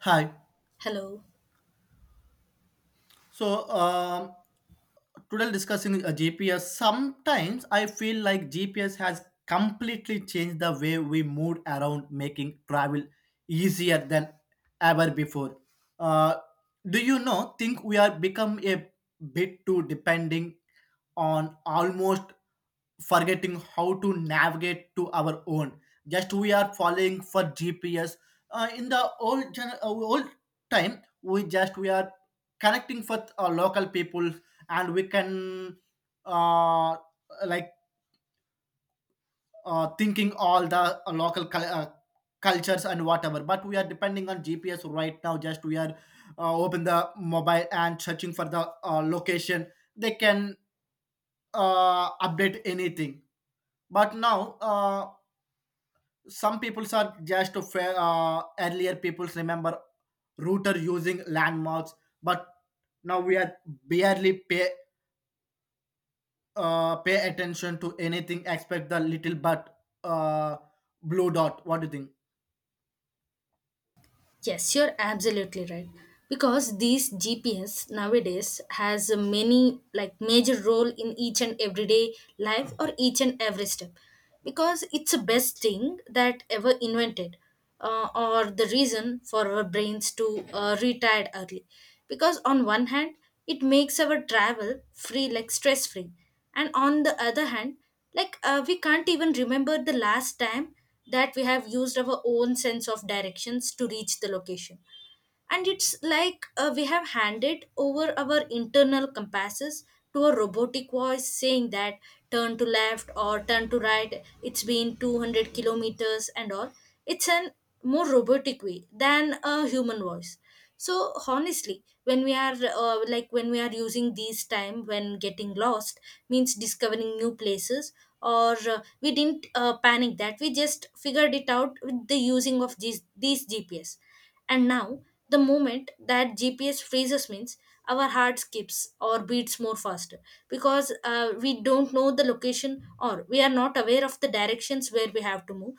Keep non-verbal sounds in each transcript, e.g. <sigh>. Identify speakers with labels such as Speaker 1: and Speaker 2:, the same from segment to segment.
Speaker 1: Hi.
Speaker 2: Hello.
Speaker 1: So, um, Today discussing GPS. Sometimes I feel like GPS has completely changed the way we move around, making travel easier than ever before. Uh, do you know? Think we are become a bit too depending on, almost forgetting how to navigate to our own. Just we are following for GPS. In the old time, we are connecting with local people, and we can, uh, like thinking all the local cultures and whatever, but we are depending on GPS right now. Just we are open the mobile and searching for the location. They can update anything, but now, some peoples are just to fa- earlier peoples remember router using landmarks. But now we are barely pay attention to anything except the little but blue dot. What do you think?
Speaker 2: Yes, you're absolutely right. Because these GPS nowadays has a many like major role in each and everyday life or each and every step. Because it's the best thing that ever invented, or the reason for our brains to retire early. Because on one hand, it makes our travel free, like stress free, and on the other hand like we can't even remember the last time that we have used our own sense of directions to reach the location. And it's like we have handed over our internal compasses to a robotic voice saying that turn to left or turn to right, it's been 200 kilometers and all. It's an more robotic way than a human voice. So honestly, when we are when we are using these time, when getting lost means discovering new places, or we didn't panic, that we just figured it out with the using of these gps. And now the moment that gps freezes means our heart skips or beats more faster, because we don't know the location or we are not aware of the directions where we have to move.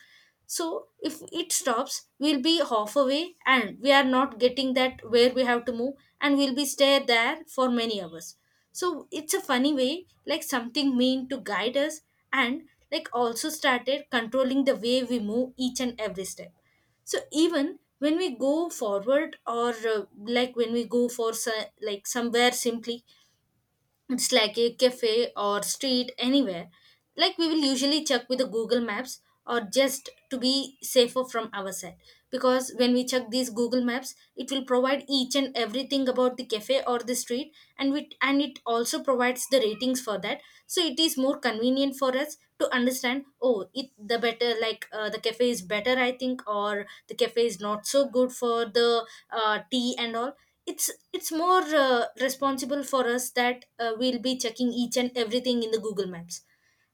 Speaker 2: So if it stops, we'll be half away and we are not getting that where we have to move, and we'll be stay there for many hours. So it's a funny way, like something mean to guide us and like also started controlling the way we move each and every step. So even when we go forward, or when we go for so, like somewhere simply, it's like a cafe or street anywhere, like we will usually check with the google maps or just to be safer from our side. Because when we check these google maps, it will provide each and everything about the cafe or the street. And it also provides the ratings for that. So it is more convenient for us to understand, oh, it the better, like the cafe is better I think, or the cafe is not so good for the tea and all. It's it's more responsible for us that we'll be checking each and everything in the google maps.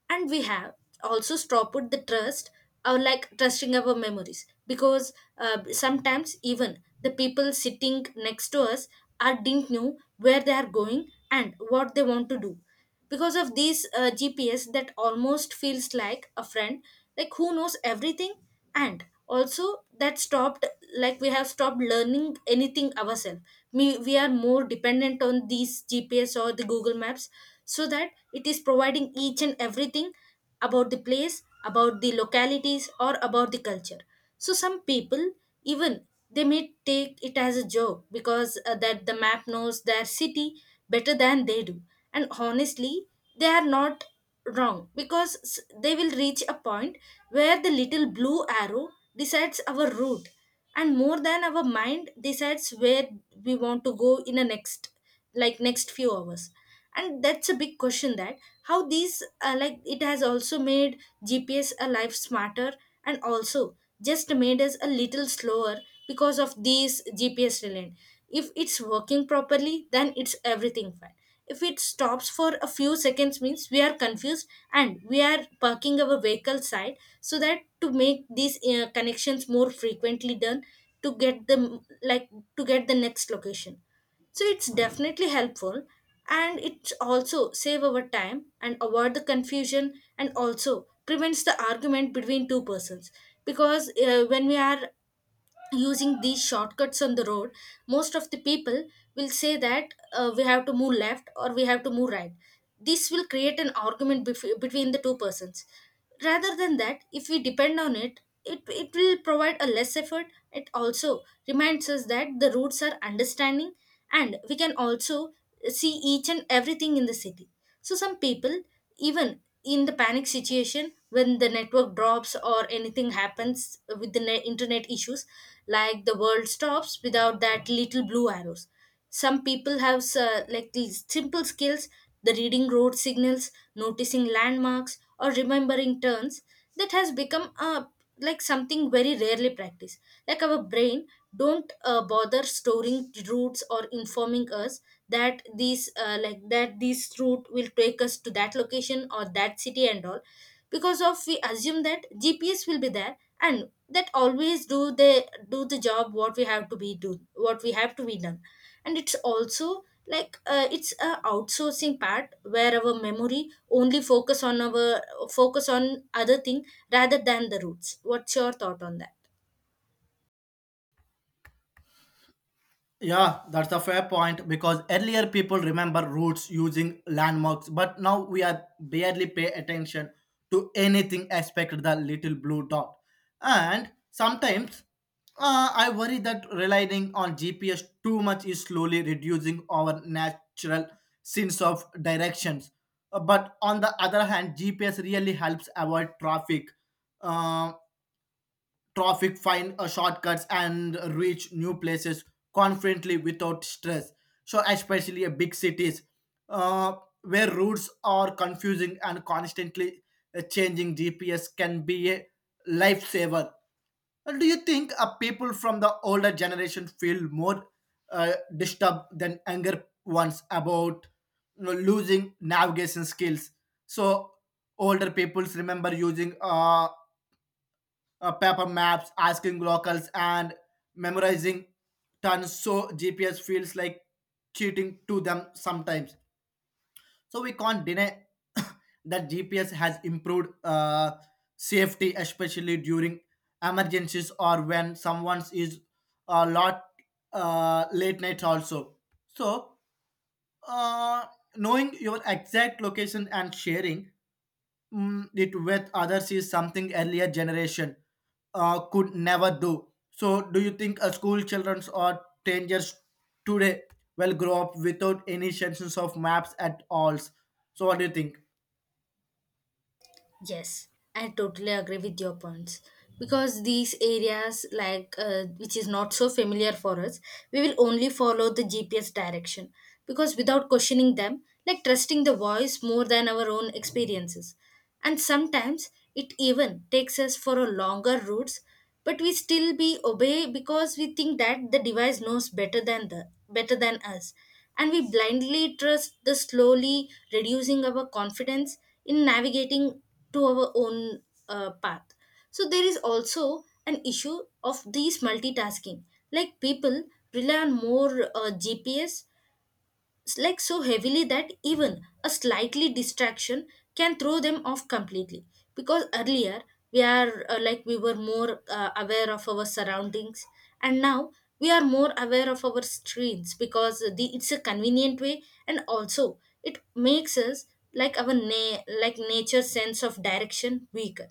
Speaker 2: And we have also stopped the trust or like trusting our memories. Because sometimes even the people sitting next to us are didn't know where they are going and what they want to do, because of these GPS that almost feels like a friend, like who knows everything, and also that stopped, like we have stopped learning anything ourselves. We are more dependent on these GPS or the Google Maps, so that it is providing each and everything about the place, about the localities, or about the culture. So some people, even they may take it as a joke, because that the map knows their city better than they do. And honestly, they are not wrong because they will reach a point where the little blue arrow decides our route and more than our mind decides where we want to go in the next, like next few hours. And that's a big question, that how these it has also made gps a life smarter and also just made us a little slower because of these GPS relent. If it's working properly, then it's everything fine. If it stops for a few seconds means we are confused and we are parking our vehicle side so that to make these connections more frequently done, to get the like to get the next location. So it's definitely helpful, and it also save our time and avoid the confusion and also prevents the argument between two persons. Because when we are using these shortcuts on the road, most of the people will say that we have to move left or we have to move right. This will create an argument between the two persons. Rather than that, if we depend on it, it will provide a less effort. It also reminds us that the routes are understanding, and we can also see each and everything in the city. So some people, even in the panic situation when the network drops or anything happens with the internet issues, like the world stops without that little blue arrows. Some people have these simple skills, the reading road signals, noticing landmarks or remembering turns, that has become a like something very rarely practiced. Like our brain don't bother storing routes or informing us that these that this route will take us to that location or that city and all, because of we assume that gps will be there and that always do the job, what we have to be do what we have to be done. And it's also like it's a outsourcing part where our memory only focus on other thing rather than the roots. What's your thought on that?
Speaker 1: Yeah, that's a fair point, because earlier people remember routes using landmarks, but now we are barely pay attention to anything except the little blue dot. And sometimes, I worry that relying on GPS too much is slowly reducing our natural sense of directions. But on the other hand, GPS really helps avoid uh, traffic, find shortcuts, and reach new places confidently without stress. So, especially big cities, uh, where routes are confusing and constantly changing, GPS can be a lifesaver. Do you think people from the older generation feel more disturbed than younger ones about, losing navigation skills? So older peoples remember using paper maps, asking locals, and memorizing tons. So GPS feels like cheating to them sometimes. So we can't deny <coughs> that GPS has improved safety, especially during emergencies or when someone is a lot, late night also. So uh, knowing your exact location and sharing, it with others is something earlier generation could never do. So, do you think a school children or teenagers today will grow up without any sense of maps at all? So, what do you think?
Speaker 2: Yes, I totally agree with your points. Because these areas, like which is not so familiar for us, we will only follow the GPS direction. Because without questioning them, like trusting the voice more than our own experiences, and sometimes it even takes us for a longer routes, but we still be obey because we think that the device knows better than us. And we blindly trust the slowly reducing our confidence in navigating to our own path. So there is also an issue of these multitasking, like people rely on more gps, so heavily that even a slightly distraction can throw them off completely. Because earlier, we are we were more aware of our surroundings, and now we are more aware of our screens because it's a convenient way. And also it makes us, like our nature sense of direction weaker.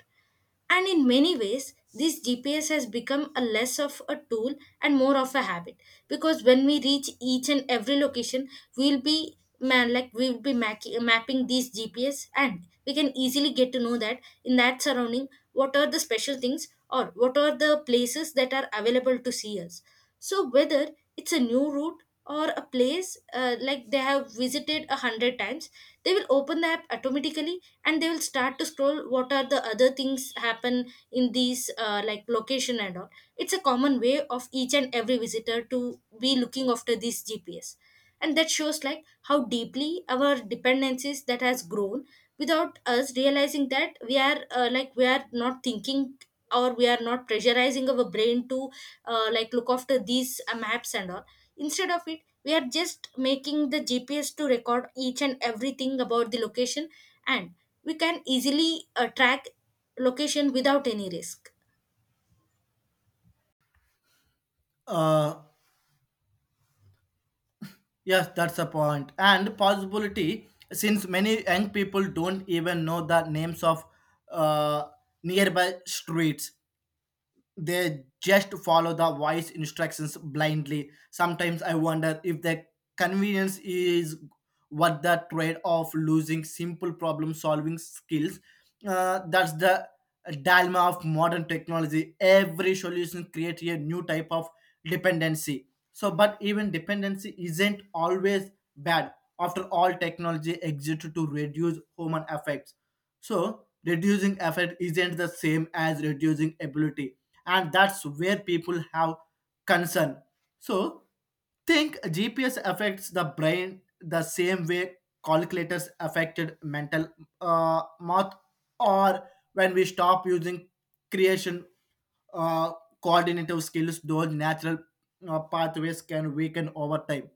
Speaker 2: And in many ways, this GPS has become a less of a tool and more of a habit. Because when we reach each and every location, we'll be mapping these GPS, and we can easily get to know that in that surrounding what are the special things or what are the places that are available to see us. So whether it's a new route or a place like they have visited a hundred times, they will open the app automatically and they will start to scroll what are the other things happen in these location and all. It's a common way of each and every visitor to be looking after this GPS. And that shows like how deeply our dependencies that has grown, without us realizing that we are we are not thinking or we are not pressurizing our brain to look after these maps and all. Instead of it, we are just making the gps to record each and everything about the location, and we can easily track location without any risk.
Speaker 1: Uh, yes, that's a point. And possibility, since many young people don't even know the names of uh, nearby streets, they just follow the voice instructions blindly. Sometimes I wonder if the convenience is what the trade of losing simple problem solving skills. That's the dilemma of modern technology. Every solution creates a new type of dependency. So, but even dependency isn't always bad. After all, technology exists to reduce human effects. So reducing effort isn't the same as reducing ability, and that's where people have concern. So think GPS affects the brain the same way calculators affected mental, math, or when we stop using creation, uh, coordinative skills, those natural pathways can weaken over time.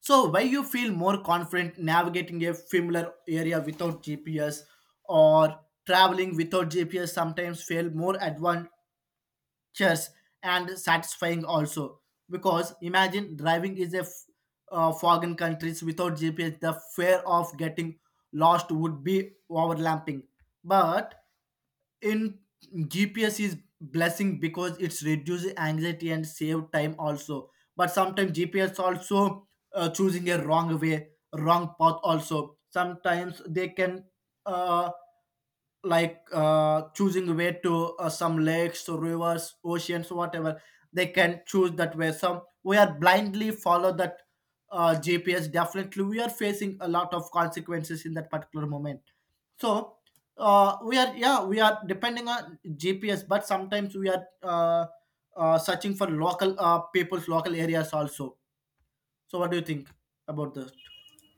Speaker 1: So, why you feel more confident navigating a familiar area without GPS, or traveling without GPS sometimes feel more adventurous and satisfying also. Because imagine driving is a foreign countries without GPS, the fear of getting lost would be overlapping. But in GPS is blessing because it's reduces anxiety and save time also. But sometimes GPS also choosing a wrong way, wrong path also. Sometimes they can uh, choosing way to some lakes, rivers, oceans, whatever. They can choose that way, some we are blindly follow that GPS. Definitely we are facing a lot of consequences in that particular moment. So we are, yeah, we are depending on GPS, but sometimes we are searching for local people's local areas also. So what do you think about that?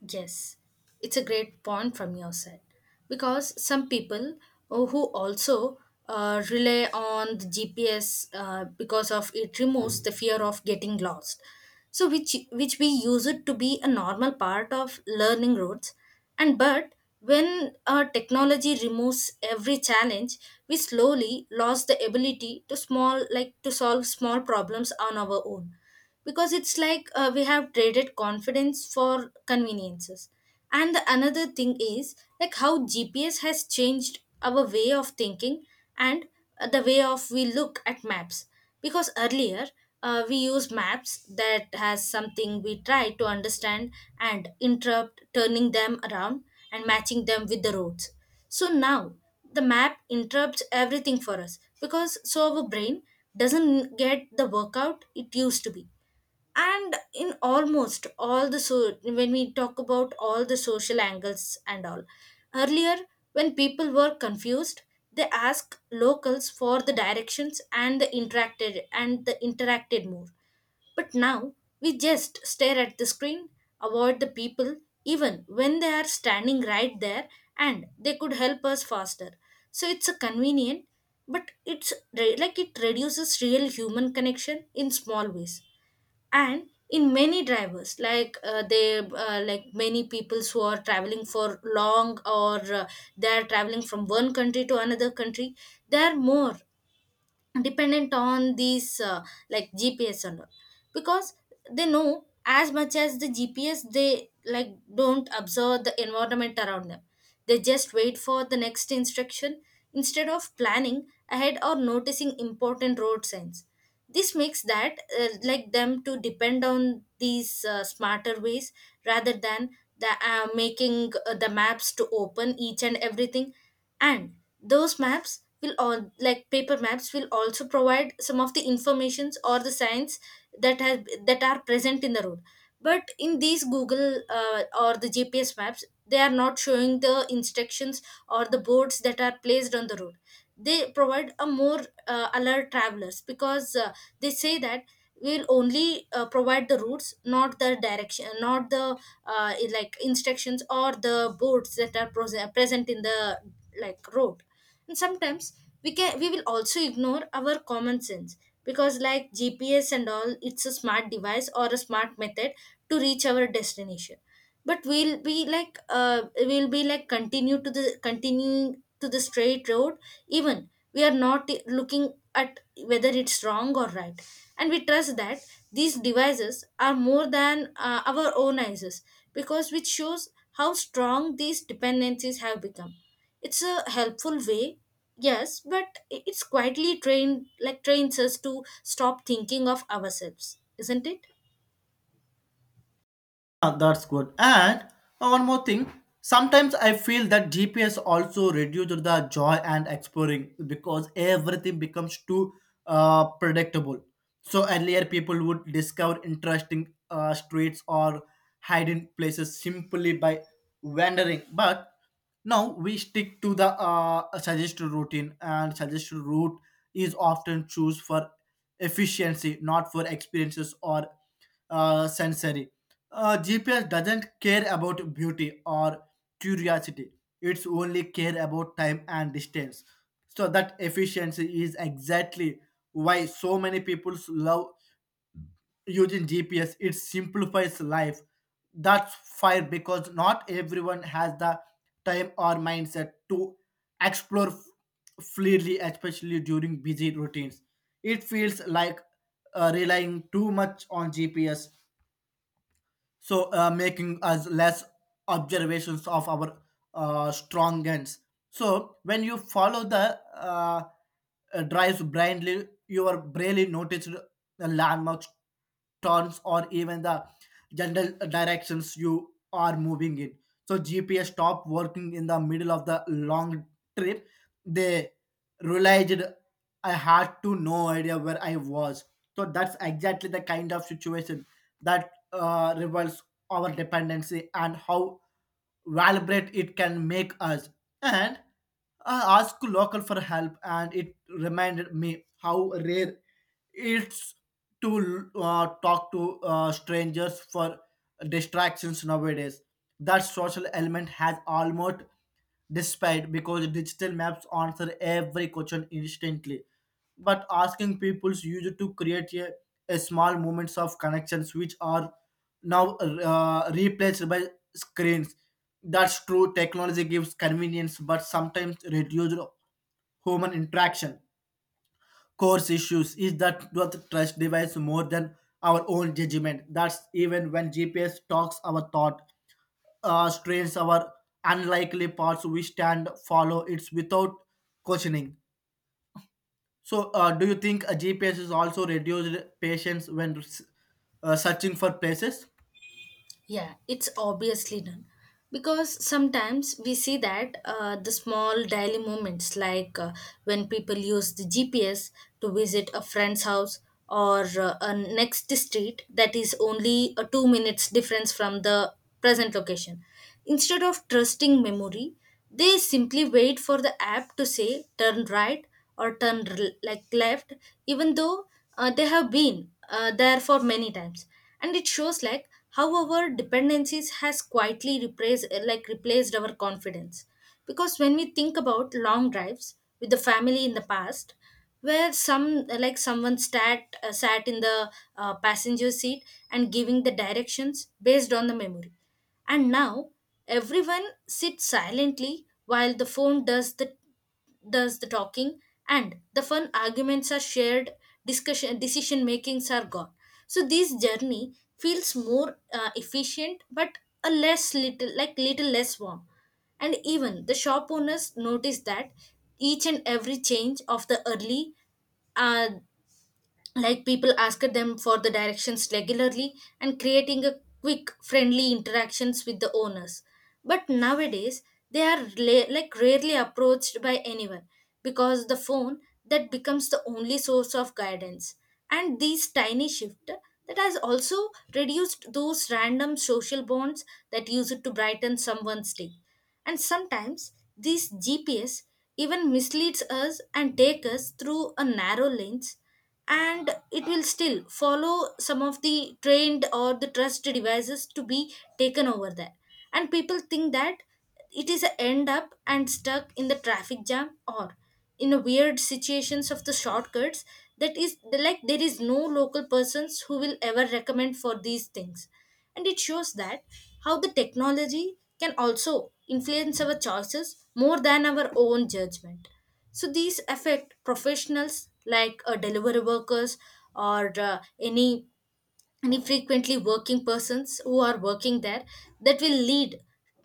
Speaker 2: Yes, it's a great point from your side. Because some people who also rely on the GPS because of it removes the fear of getting lost. So which we use it to be a normal part of learning routes, and but when technology removes every challenge, we slowly lost the ability to small like to solve small problems on our own, because it's like we have traded confidence for conveniences. And the another thing is like how gps has changed our way of thinking, and the way of we look at maps. Because earlier, we use maps that has something we try to understand and interrupt, turning them around and matching them with the roads. So now the map interrupts everything for us, because so our brain doesn't get the workout it used to be. And in almost all the, so when we talk about all the social angles and all, earlier when people were confused they asked locals for the directions and the interacted more. But now we just stare at the screen, avoid the people even when they are standing right there and they could help us faster. So it's a convenient, but it's re- like it reduces real human connection in small ways. And in many drivers, like they like many peoples who are traveling for long, or they are traveling from one country to another country, they are more dependent on these gps and all. Because they know as much as the gps, they like don't observe the environment around them, they just wait for the next instruction, instead of planning ahead or noticing important road signs. This makes that them to depend on these smarter ways, rather than the making the maps to open each and everything. And those maps will all like paper maps will also provide some of the informations or the signs that has that are present in the road. But in these Google, or the GPS maps, they are not showing the instructions or the boards that are placed on the road. They provide a more alert travelers, because they say that we'll only provide the routes, not the direction, not the like instructions or the boards that are present in the like road. And sometimes we will also ignore our common sense, because like GPS and all, it's a smart device or a smart method to reach our destination. But we'll be like, continue to the continuing to the straight road, even we are not looking at whether it's wrong or right. And we trust that these devices are more than our own eyes, because which shows how strong these dependencies have become. It's a helpful way, yes, but it's quietly trained like trains us to stop thinking of ourselves, isn't it?
Speaker 1: Ah, that's good. And one more thing. Sometimes I feel that GPS also reduces the joy and exploring because everything becomes too predictable. So earlier people would discover interesting streets or hidden places simply by wandering. But now we stick to the suggested routine, and suggested route is often choose for efficiency, not for experiences or sensory. GPS doesn't care about beauty or curiosity; it's only care about time and distance. So that efficiency is exactly why so many people love using GPS, it simplifies life. That's fire because not everyone has the time or mindset to explore freely, especially during busy routines. It feels like relying too much on GPS, so making us less observations of our strong ends. So when you follow the drives blindly, you are barely noticed the landmarks, turns, or even the general directions you are moving in. So GPS stopped working in the middle of the long trip. They realized I had to no idea where I was. So that's exactly the kind of situation that reveals our dependency and how vibrant it can make us. And I asked local for help, and it reminded me how rare it's to talk to strangers for distractions nowadays. That social element has almost despite, because digital maps answer every question instantly. But asking people's user to create a small moments of connections, which are now replaced by screens. That's true, technology gives convenience but sometimes reduces human interaction. Course issues is that we trust device more than our own judgment. That's even when GPS talks our thought, strains our unlikely parts, we stand follow it's without questioning. So do you think a GPS is also reduced patience when searching for places?
Speaker 2: Yeah, it's obviously done. Because sometimes we see that the small daily moments, like when people use the GPS to visit a friend's house or a next street that is only a 2 minutes difference from the present location, instead of trusting memory, they simply wait for the app to say turn right or turn r- like left, even though they have been there for many times. And it shows like how our dependencies has quietly replaced like replaced our confidence. Because when we think about long drives with the family in the past, where someone sat in the passenger seat and giving the directions based on the memory. And now everyone sits silently while the phone does the talking, and the fun arguments are shared, discussion, decision makings are gone. So this journey feels more efficient but a less little like little less warm. And even the shop owners notice that each and every change of the early, uh, like people ask them for the directions regularly and creating a quick friendly interactions with the owners. But nowadays they are rarely approached by anyone, because the phone that becomes the only source of guidance. And these tiny shift that has also reduced those random social bonds that used to brighten someone's day. And sometimes these GPS even misleads us and take us through a narrow lanes, and it will still follow some of the trained or the trusted devices to be taken over there. And people think that it is a end up and stuck in the traffic jam or in a weird situations of the shortcuts, that is, like, there is no local persons who will ever recommend for these things. And it shows that how the technology can also influence our choices more than our own judgment. So these affect professionals like delivery workers or any frequently working persons who are working there. That will lead,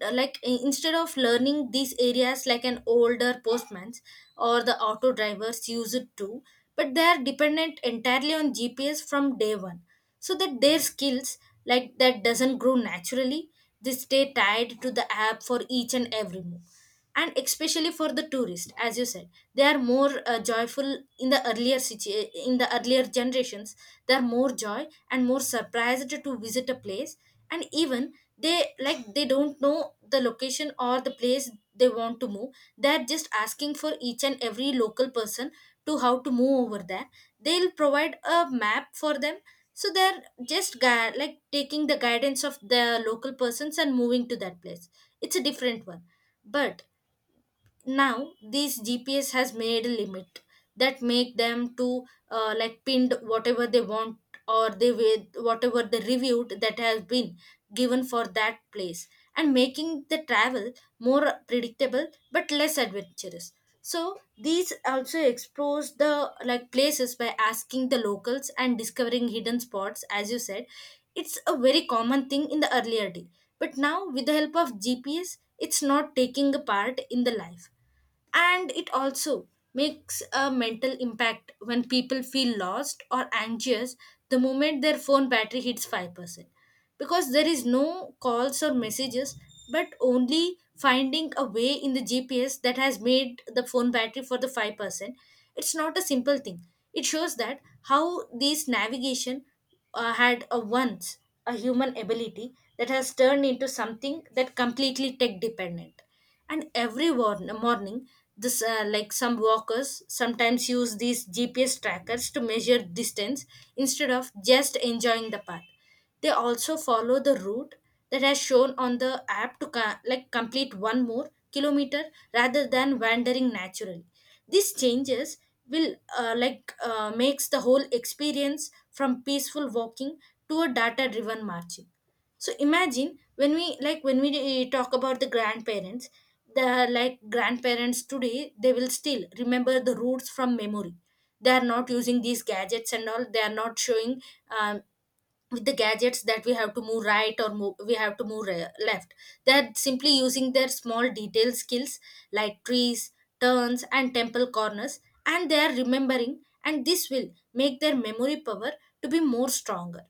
Speaker 2: like, instead of learning these areas like an older postman's or the auto drivers use it too, but they are dependent entirely on GPS from day one, so that their skills, like, that doesn't grow naturally. They stay tied to the app for each and every move. And especially for the tourist, as you said, they are more joyful. In the earlier generations, they are more joy and more surprised to visit a place. And even they, like, they don't know the location or the place they want to move, they're just asking for each and every local person to how to move over there. They'll provide a map for them, so they're just taking the guidance of the local persons and moving to that place. It's a different one. But now these GPS has made a limit that make them to like pinned whatever they want, or they with whatever the reviewed that has been given for that place, and making the travel more predictable but less adventurous. So these also explores the like places by asking the locals and discovering hidden spots, as you said. It's a very common thing in the earlier day, but now with the help of GPS it's not taking a part in the life. And it also makes a mental impact when people feel lost or anxious the moment their phone battery hits 5%, because there is no calls or messages, but only finding a way in the GPS that has made the phone battery for the 5%. It's not a simple thing. It shows that how this navigation had a once a human ability that has turned into something that completely tech dependent. And every morning, this, like, some walkers sometimes use these GPS trackers to measure distance instead of just enjoying the path. They also follow the route that has shown on the app to complete one more kilometer rather than wandering naturally. These changes will, makes the whole experience from peaceful walking to a data driven marching. So imagine when we, talk about the grandparents. The, grandparents today, they will still remember the roots from memory. They are not using these gadgets and all, they are not showing, um, with the gadgets, that we have to move right or move, we have to move left. They're simply using their small detail skills, like trees, turns, and temple corners, and they are remembering, and this will make their memory power to be more stronger.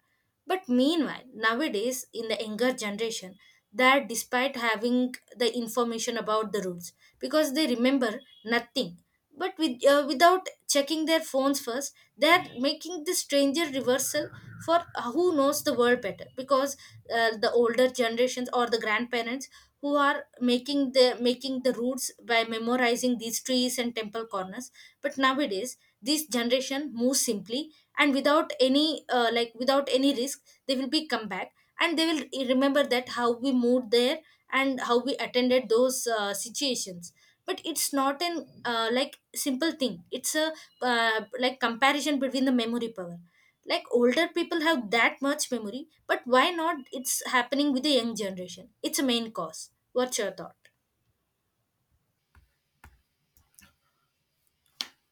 Speaker 2: But meanwhile, nowadays in the younger generation, that despite having the information about the rules, because they remember nothing, but without checking their phones first, they are making the stranger reversal for, who knows the world better? Because the older generations or the grandparents, who are making the routes by memorizing these trees and temple corners. But nowadays this generation moves simply and without any risk, they will be come back, and they will remember that how we moved there and how we attended those situations. But it's not an, simple thing. It's a, comparison between the memory power, like, older people have that much memory, but why not it's happening with the young generation? It's a main cause. What's your thought?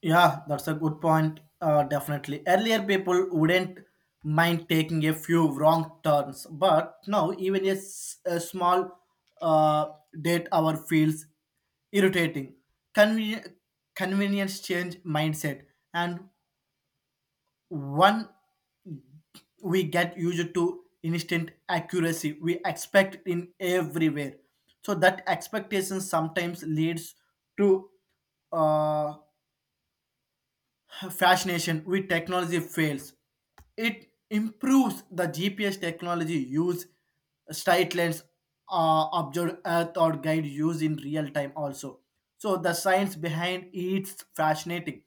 Speaker 1: Yeah, that's a good point. Definitely earlier people wouldn't mind taking a few wrong turns, but now even a small uh, date hour feels irritating. Conven- Convenience change mindset, and one, we get used to instant accuracy, we expect in everywhere. So that expectation sometimes leads to uh, fascination with technology fails. It improves the GPS technology use. Sight lines observe earth or guide use in real time also. So the science behind it's fascinating.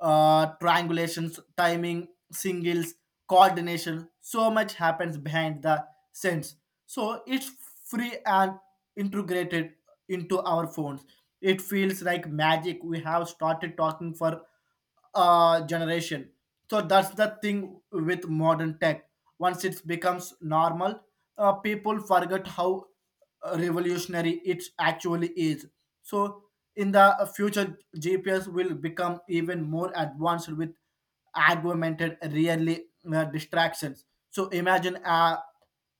Speaker 1: Triangulations, timing, singles, coordination, so much happens behind the sense. So it's free and integrated into our phones. It feels like magic. We have started talking for generation. So that's the thing with modern tech. Once it becomes normal, people forget how revolutionary it actually is. So in the future, GPS will become even more advanced with augmented really distractions. So imagine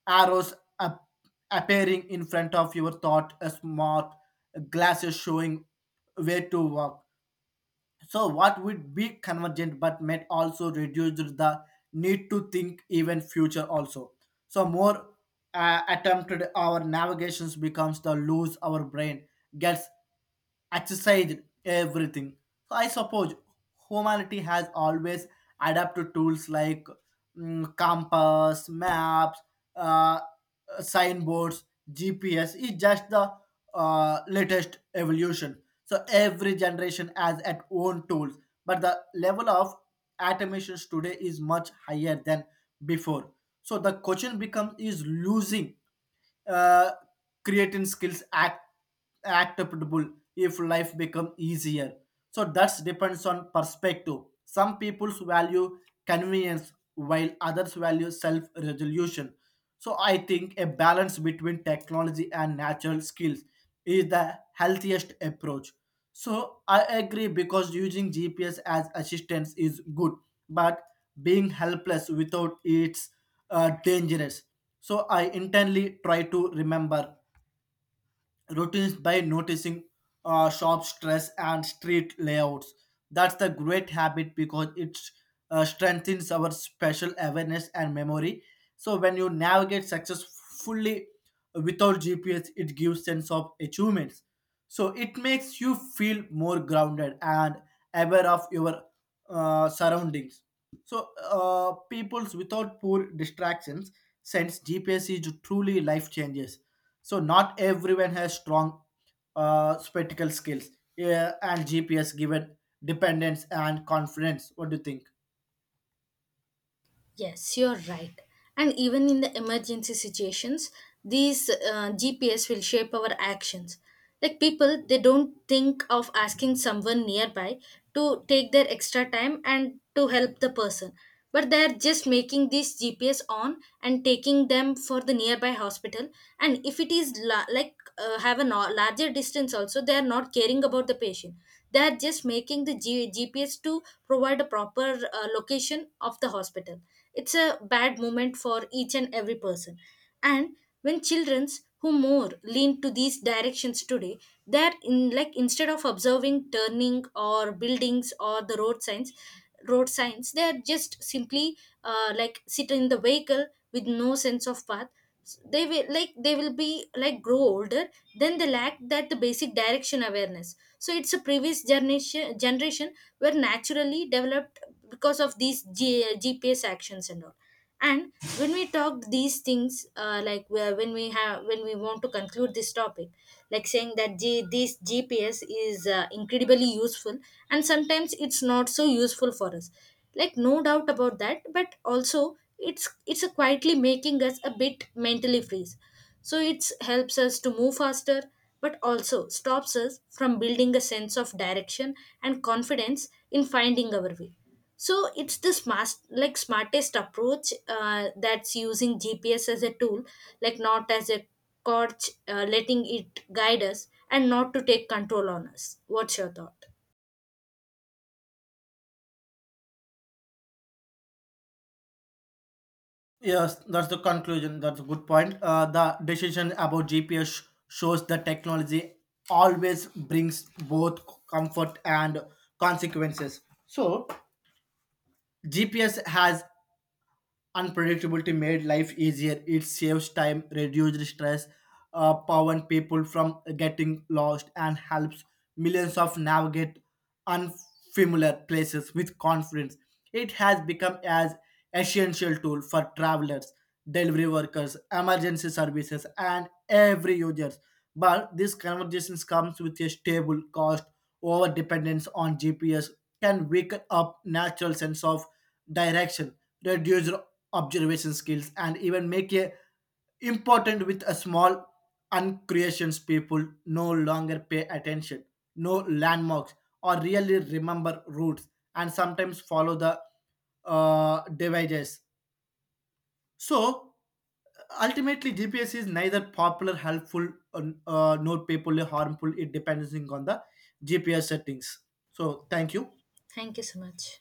Speaker 1: arrows ap- appearing in front of your thought, a smart glasses showing where to walk. So what would be convergent, but might also reduce the need to think even future also. So more attempted our navigations becomes the lose our brain gets exercised everything. So I suppose humanity has always adapted tools like, compass, maps, uh, signboards. GPS is just the latest evolution. So every generation has its own tools, but the level of automations today is much higher than before. So the question becomes, is losing uh, creating skills act acceptable if life become easier. So that's depends on perspective. Some people's value convenience, while others value self resolution. So I think a balance between technology and natural skills is the healthiest approach. So I agree, because using GPS as assistance is good, but being helpless without it's dangerous. So I intently try to remember routines by noticing shop stress and street layouts. That's the great habit because it strengthens our spatial awareness and memory. So when you navigate successfully without GPS, it gives sense of achievements. So it makes you feel more grounded and aware of your surroundings. So peoples without poor distractions, since GPS is truly life changes. So not everyone has strong spectacle skills. Yeah, and GPS given dependence and confidence. What do you think?
Speaker 2: Yes, you're right. And even in the emergency situations, these GPS will shape our actions. Like people, they don't think of asking someone nearby to take their extra time and to help the person. But they're just making this GPS on and taking them for the nearby hospital. And if it is, have a larger distance, also, they are not caring about the patient. They are just making the GPS to provide a proper location of the hospital. It's a bad moment for each and every person. And when childrens who more lean to these directions today, they're, in like instead of observing turning or buildings or the road signs, they are just simply, sit in the vehicle with no sense of path. They will, be like grow older, then they lack that the basic direction awareness. So it's a previous generation were naturally developed because of these GPS actions and all. And when we talk these things, when we want to conclude this topic, like saying that, this GPS is incredibly useful and sometimes it's not so useful for us, like, no doubt about that, but also it's a quietly making us a bit mentally freeze. So it helps us to move faster, but also stops us from building a sense of direction and confidence in finding our way. So it's the smartest approach, that's using GPS as a tool, like, not as a crutch, letting it guide us and not to take control on us. What's your thought?
Speaker 1: Yes, that's the conclusion. That's a good point. The decision about GPS shows that technology always brings both comfort and consequences. So, GPS has unpredictability made life easier. It saves time, reduces stress, prevents people from getting lost, and helps millions of navigate unfamiliar places with confidence. It has become as essential tool for travelers, delivery workers, emergency services, and every users. But these conversations comes with a stable cost. Over dependence on GPS can weaken up natural sense of direction, reduce observation skills, and even make a important with a small uncreations. People no longer pay attention, no landmarks or really remember routes, and sometimes follow the devices. So ultimately GPS is neither popular helpful, nor people harmful. It depends on the GPS settings. So thank you.
Speaker 2: Thank you so much.